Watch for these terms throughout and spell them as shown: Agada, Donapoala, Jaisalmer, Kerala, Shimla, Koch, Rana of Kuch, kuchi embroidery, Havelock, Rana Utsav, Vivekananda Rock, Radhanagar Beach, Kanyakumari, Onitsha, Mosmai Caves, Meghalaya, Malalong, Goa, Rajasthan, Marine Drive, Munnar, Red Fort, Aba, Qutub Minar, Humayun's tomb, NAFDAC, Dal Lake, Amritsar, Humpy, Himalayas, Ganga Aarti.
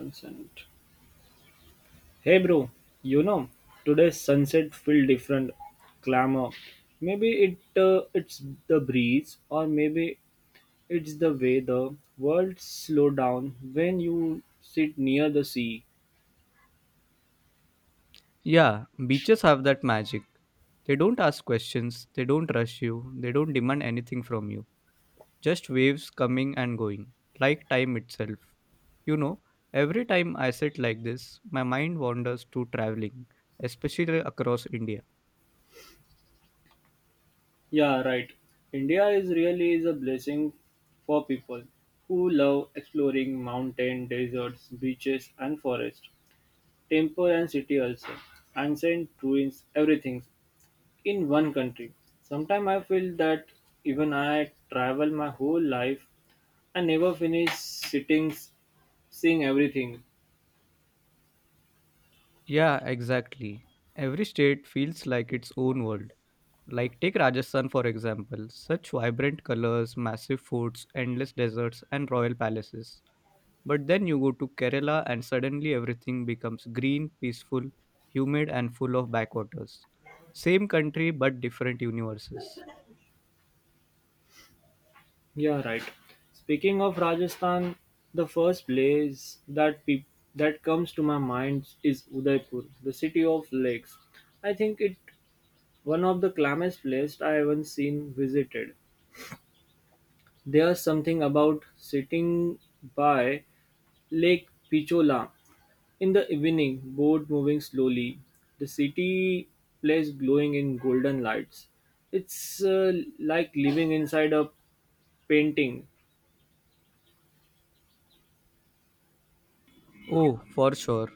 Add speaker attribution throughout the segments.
Speaker 1: Consent. Hey bro, you know, today's sunset feel different glamour. Maybe it's the breeze, or maybe it's the way the world slow down when you sit near the sea.
Speaker 2: Yeah, beaches have that magic. They don't ask questions, they don't rush you, they don't demand anything from you. Just waves coming and going, like time itself. You know, every time I sit like this, my mind wanders to traveling, especially across India.
Speaker 1: Yeah, right. India is really is a blessing for people who love exploring mountain, deserts, beaches and forest, temple and city also, ancient ruins, everything in one country. Sometimes I feel that even I travel my whole life, I never finish sitting, seeing everything.
Speaker 2: Yeah, exactly. Every state feels like its own world. Like, take Rajasthan for example, such vibrant colors, massive forts, endless deserts, and royal palaces. But then you go to Kerala and suddenly everything becomes green, peaceful, humid, and full of backwaters. Same country but different universes.
Speaker 1: Yeah, right. Speaking of Rajasthan, the first place that peop that comes to my mind is Udaipur, the city of lakes. I think it one of the calmest places I haven't seen visited. There's something about sitting by Lake Pichola in the evening, boat moving slowly, the city place glowing in golden lights. It's like living inside a painting.
Speaker 2: Oh, for sure.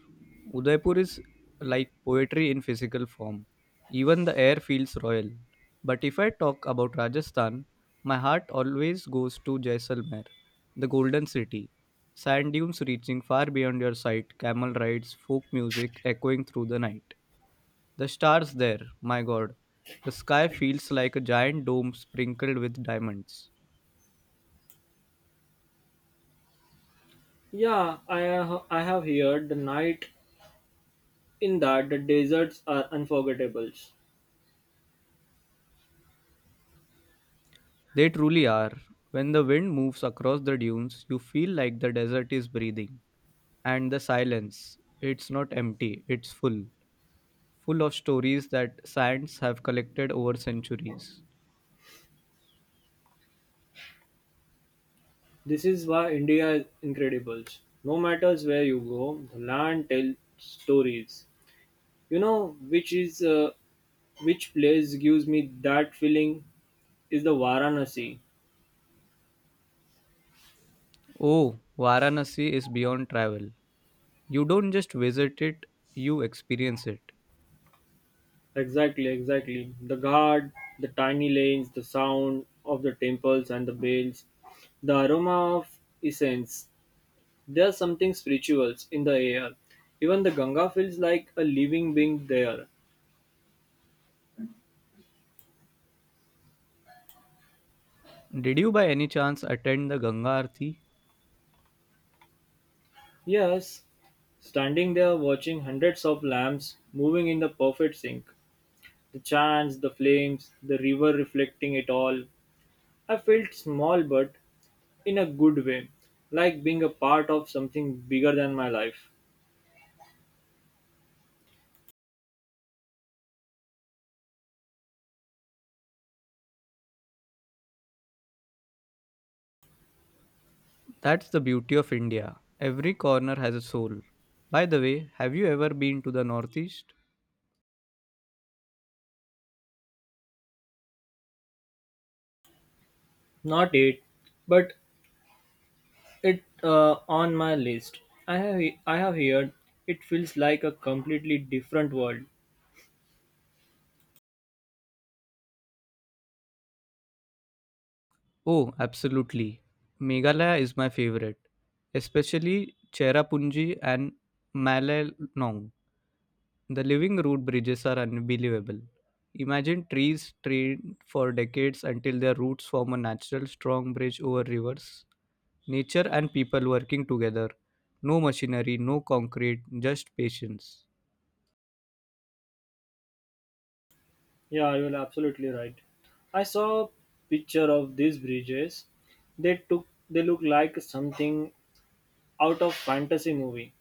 Speaker 2: Udaipur is like poetry in physical form. Even the air feels royal. But if I talk about Rajasthan, my heart always goes to Jaisalmer, the golden city. Sand dunes reaching far beyond your sight, camel rides, folk music echoing through the night. The stars there, my god. The sky feels like a giant dome sprinkled with diamonds.
Speaker 1: Yeah, I have heard the night in that the deserts are unforgettable.
Speaker 2: They truly are. When the wind moves across the dunes, you feel like the desert is breathing. And the silence, it's not empty, it's full. Full of stories that science have collected over centuries.
Speaker 1: This is why India is incredible. No matters where you go, the land tells stories. You know which is which place gives me that feeling is the Varanasi.
Speaker 2: Oh, Varanasi is beyond travel. You don't just visit it, you experience it.
Speaker 1: Exactly, exactly. The guard, the tiny lanes, the sound of the temples and the bells, the aroma of incense. There's something spiritual in the air. Even the Ganga feels like a living being there.
Speaker 2: Did you by any chance attend the Ganga Aarti?
Speaker 1: Yes, standing there watching hundreds of lamps moving in the perfect sync. The chants, the flames, the river reflecting it all. I felt small, but in a good way, like being a part of something bigger than my life.
Speaker 2: That's the beauty of India. Every corner has a soul. By the way, have you ever been to the Northeast?
Speaker 1: Not it, but it on my list. I have I have heard it feels like a completely different world.
Speaker 2: Oh, absolutely. Meghalaya is my favorite, especially Cherrapunji and Malalong. The living root bridges are unbelievable. Imagine trees trained for decades until their roots form a natural strong bridge over rivers. Nature and people working together. No machinery, no concrete, just patience.
Speaker 1: Yeah, you're absolutely right. I saw a picture of these bridges. They look like something out of fantasy movie.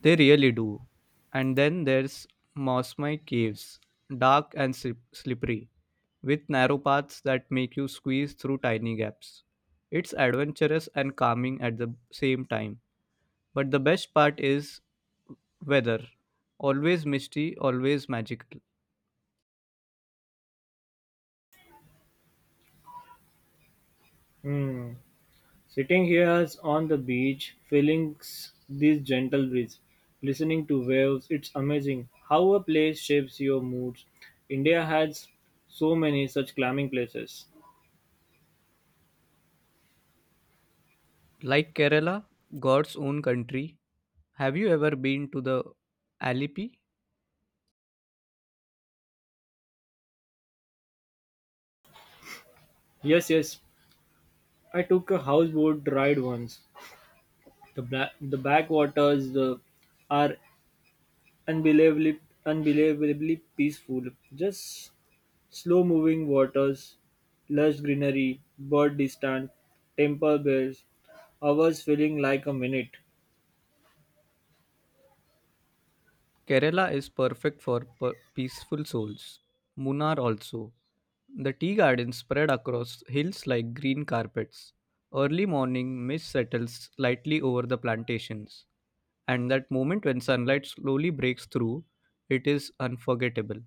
Speaker 2: They really do. And then there's Mosmai Caves, slippery, with narrow paths that make you squeeze through tiny gaps. It's adventurous and calming at the same time. But the best part is weather. Always misty, always magical.
Speaker 1: Hmm. Sitting here on the beach, feeling this gentle breeze, listening to waves, it's amazing how a place shapes your moods. India has so many such climbing places.
Speaker 2: Like Kerala, God's own country. Have you ever been to the Alipi?
Speaker 1: Yes, yes. I took a houseboat ride once. The backwaters the, are unbelievably peaceful. Just slow moving waters, lush greenery, bird distant, temple bells, hours feeling like a minute.
Speaker 2: Kerala is perfect for per- peaceful souls. Munnar also. The tea gardens spread across hills like green carpets. Early morning mist settles lightly over the plantations, and that moment when sunlight slowly breaks through, it is unforgettable.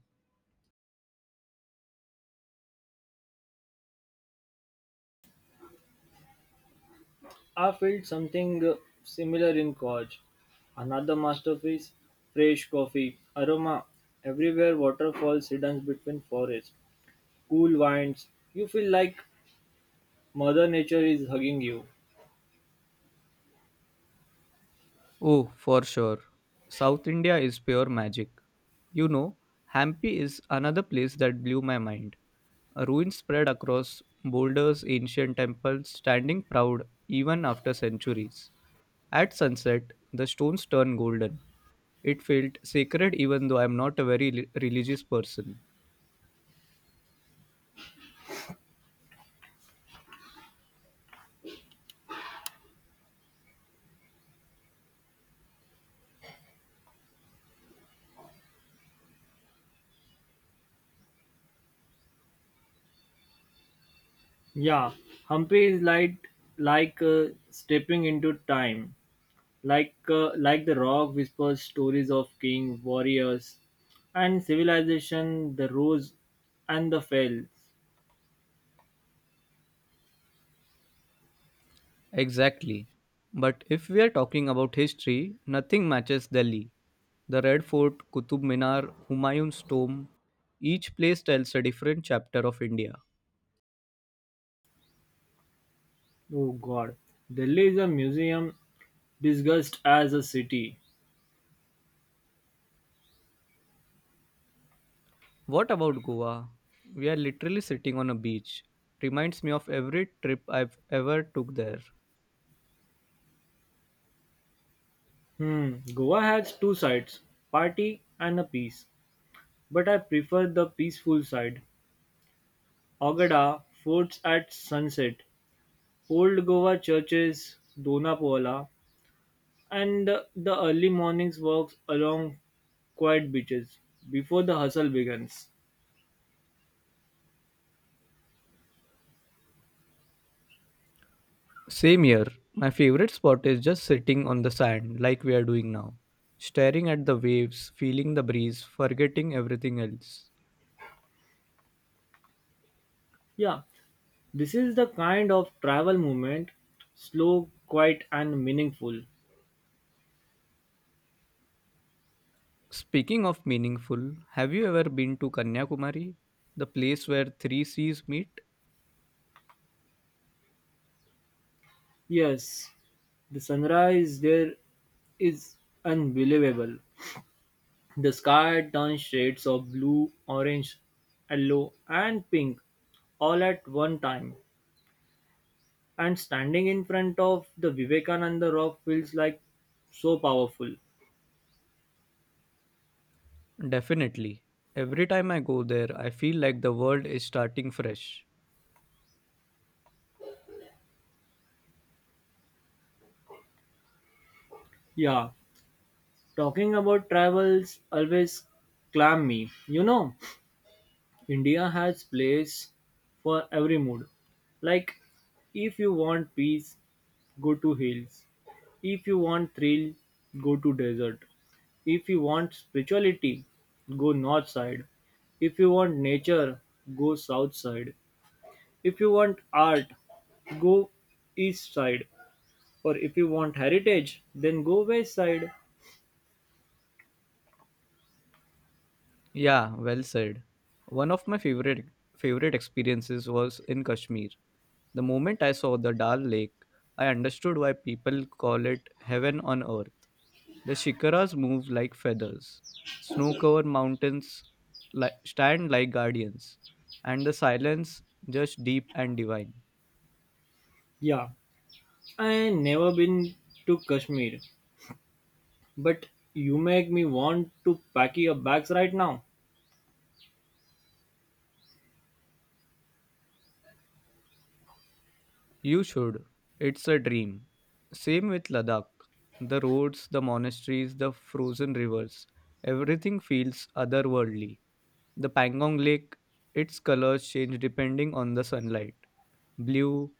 Speaker 1: I felt something similar in Koch. Another masterpiece, fresh coffee, aroma, everywhere waterfalls hidden between forests, cool winds. You feel like Mother Nature is hugging you.
Speaker 2: Oh, for sure. South India is pure magic. You know, Hampi is another place that blew my mind. Ruins spread across boulders, ancient temples, standing proud even after centuries. At sunset, the stones turn golden. It felt sacred even though I am not a very li- religious person.
Speaker 1: Yeah, Humpy is like stepping into time, like the rock whispers stories of king warriors, and civilization, the rose, and the fells.
Speaker 2: Exactly. But if we are talking about history, nothing matches Delhi. The Red Fort, Qutub Minar, Humayun's tomb, each place tells a different chapter of India.
Speaker 1: Oh God, Delhi is a museum disguised as a city.
Speaker 2: What about Goa? We are literally sitting on a beach. Reminds me of every trip I've ever took there.
Speaker 1: Hmm, Goa has two sides, party and a peace, but I prefer the peaceful side. Agada forts at sunset, Old Goa churches, Donapoala, and the early mornings walks along quiet beaches before the hustle begins.
Speaker 2: Same here. My favorite spot is just sitting on the sand like we are doing now, staring at the waves, feeling the breeze, forgetting everything else.
Speaker 1: Yeah, this is the kind of travel movement, slow, quiet, and meaningful.
Speaker 2: Speaking of meaningful, have you ever been to Kanyakumari, the place where three seas meet?
Speaker 1: Yes, the sunrise there is unbelievable. The sky turns shades of blue, orange, yellow, and pink all at one time. And standing in front of the Vivekananda Rock feels like so powerful.
Speaker 2: Definitely. Every time I go there, I feel like the world is starting fresh.
Speaker 1: Yeah, talking about travels always clam me. You know, India has place for every mood. Like, if you want peace, go to hills. If you want thrill, go to desert. If you want spirituality, go north side. If you want nature, go south side. If you want art, go east side. Or if you want heritage, then go west side.
Speaker 2: Yeah, well said. One of my favorite experiences was in Kashmir. The moment I saw the Dal Lake, I understood why people call it heaven on earth. The shikaras move like feathers. Snow covered mountains li- stand like guardians. And the silence just deep and divine.
Speaker 1: Yeah, I never been to Kashmir, but you make me want to pack your bags right now.
Speaker 2: You should. It's a dream. Same with Ladakh. The roads, the monasteries, the frozen rivers. Everything feels otherworldly. The Pangong Lake, its colors change depending on the sunlight. Blue,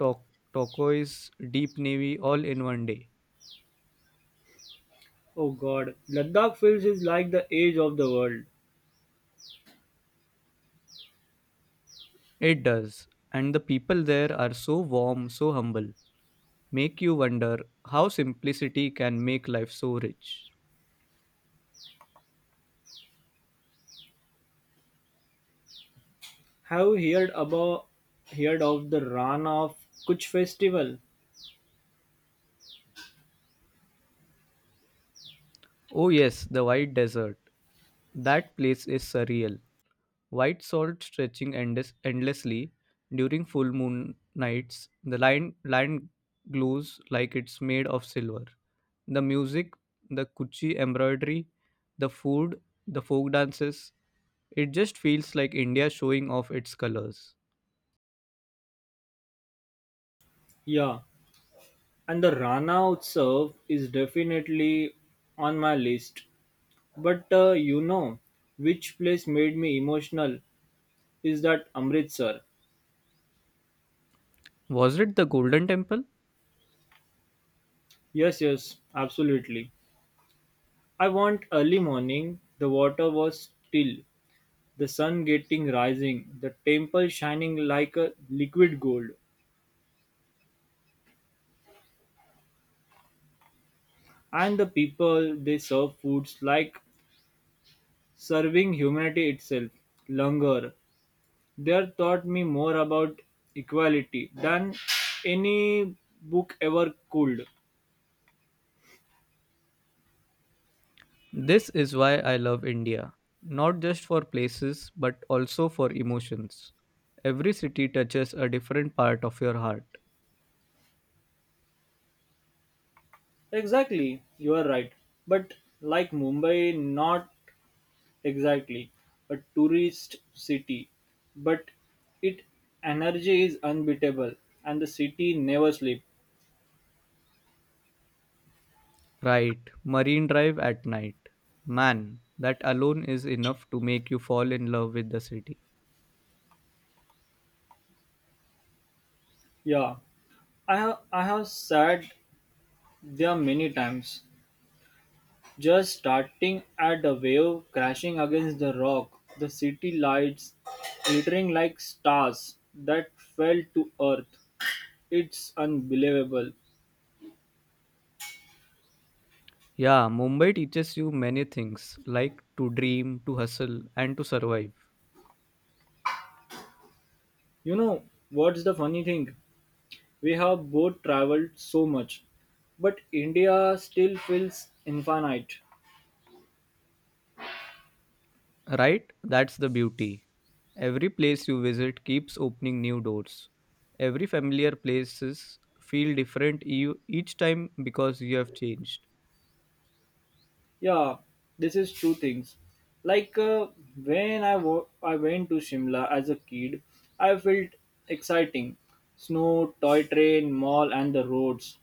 Speaker 2: to- turquoise, deep navy, all in one day.
Speaker 1: Oh god, Ladakh feels is like the edge of the world.
Speaker 2: It does. And the people there are so warm, so humble. Make you wonder how simplicity can make life so rich.
Speaker 1: Have you heard about heard of the Rana of Kuch festival?
Speaker 2: Oh, yes, the white desert. That place is surreal. White salt stretching endes- endlessly during full moon nights. Land glows like it's made of silver. The music, the kuchi embroidery, the food, the folk dances. It just feels like India showing off its colors.
Speaker 1: Yeah, and the Rana Utsav is definitely on my list. But you know, which place made me emotional is that Amritsar.
Speaker 2: Was it the Golden Temple?
Speaker 1: Yes, yes, absolutely. I want early morning. The water was still, the sun getting rising, the temple shining like a liquid gold, and the people they serve foods like serving humanity itself. Langar. There taught me more about equality than any book ever could.
Speaker 2: This is why I love India. Not just for places, but also for emotions. Every city touches a different part of your heart.
Speaker 1: Exactly, you are right. But like Mumbai, not exactly a tourist city, but its energy is unbeatable, and the city never sleep.
Speaker 2: Right, Marine Drive at night. Man, that alone is enough to make you fall in love with the city.
Speaker 1: Yeah, I have sat there many times, just starting at a wave crashing against the rock, the city lights glittering like stars that fell to earth. It's unbelievable.
Speaker 2: Yeah, Mumbai teaches you many things like to dream, to hustle, and to survive.
Speaker 1: You know what's the funny thing? We have both traveled so much, but India still feels infinite.
Speaker 2: Right? That's the beauty. Every place you visit keeps opening new doors. Every familiar places feel different eu- each time because you have changed.
Speaker 1: Yeah, this is two things. Like uh, when I went to Shimla as a kid, I felt exciting snow, toy train, mall, and the roads.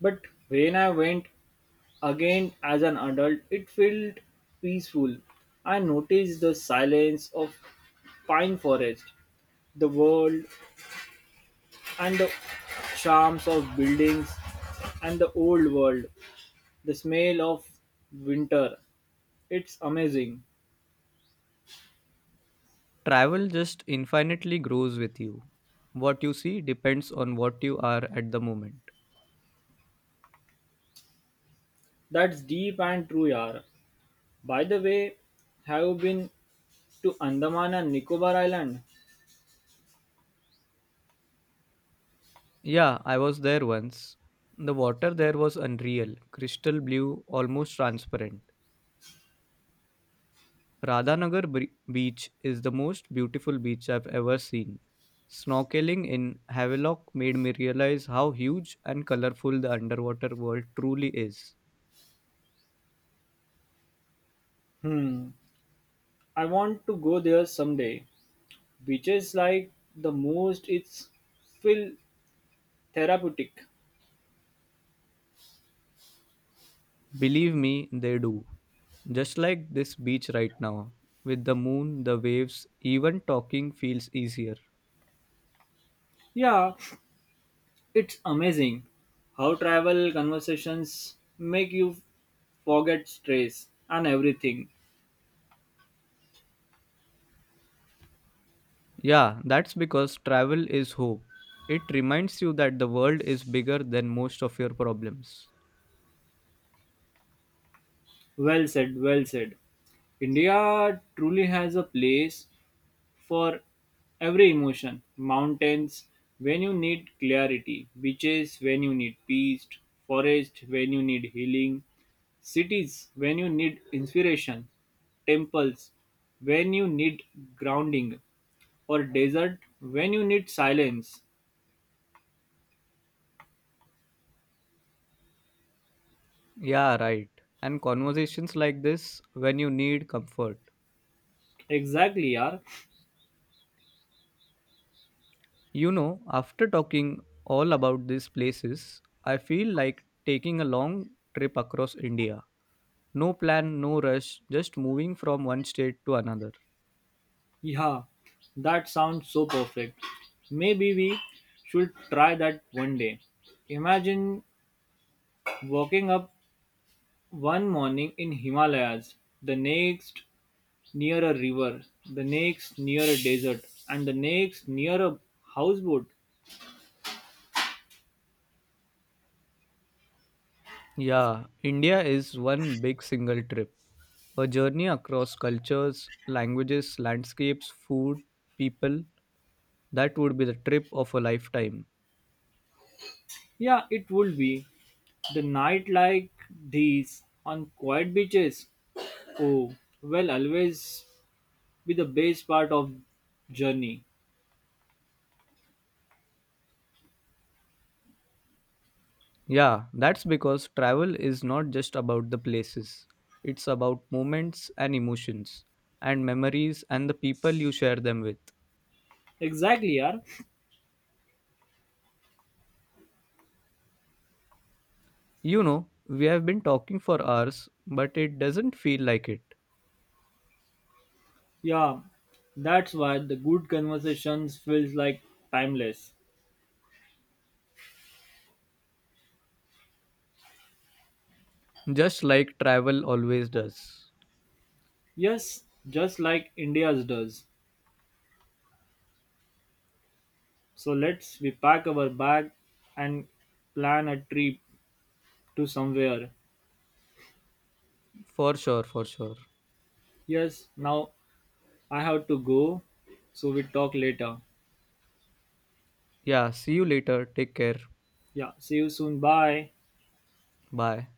Speaker 1: But when I went again as an adult, it felt peaceful. I noticed the silence of pine forest, the world and the charms of buildings and the old world, the smell of winter. It's amazing.
Speaker 2: Travel just infinitely grows with you. What you see depends on what you are at the moment.
Speaker 1: That's deep and true, yaar. By the way, have you been to Andaman and Nicobar Island?
Speaker 2: Yeah, I was there once. The water there was unreal, crystal blue, almost transparent. Beach is the most beautiful beach I've ever seen. Snorkeling in Havelock made me realize how huge and colorful the underwater world truly is.
Speaker 1: Hmm, I want to go there someday. Beaches like the most, it's feel therapeutic.
Speaker 2: Believe me, they do. Just like this beach right now. With the moon, the waves, even talking feels easier.
Speaker 1: Yeah, it's amazing how travel conversations make you forget stress and everything.
Speaker 2: Yeah, that's because travel is hope. It reminds you that the world is bigger than most of your problems.
Speaker 1: Well said, well said. India truly has a place for every emotion. Mountains when you need clarity, beaches when you need peace, forest when you need healing, cities when you need inspiration, temples when you need grounding, or desert when you need silence.
Speaker 2: Yeah, right. And conversations like this when you need comfort.
Speaker 1: Exactly, yaar.
Speaker 2: You know, after talking all about these places, I feel like taking a long trip across India. No plan, no rush, just moving from one state to another.
Speaker 1: Yeah, that sounds so perfect. Maybe we should try that one day. Imagine waking up one morning in Himalayas, the next near a river, the next near a desert, and the next near a houseboat.
Speaker 2: Yeah, India is one big single trip. A journey across cultures, languages, landscapes, food, people. That would be the trip of a lifetime.
Speaker 1: Yeah, it would be the night like these on quiet beaches. Oh, well, always be the best part of journey.
Speaker 2: Yeah, that's because travel is not just about the places, it's about moments and emotions, and memories and the people you share them with.
Speaker 1: Exactly, yeah.
Speaker 2: You know, we have been talking for hours, but it doesn't feel like it.
Speaker 1: Yeah, that's why the good conversations feels like timeless.
Speaker 2: Just like travel always does.
Speaker 1: Yes, just like India's does. So let's we pack our bag and plan a trip to somewhere.
Speaker 2: For sure, for sure.
Speaker 1: Yes, now I have to go. So we talk later.
Speaker 2: Yeah, see you later. Take care.
Speaker 1: Yeah, see you soon. Bye.
Speaker 2: Bye.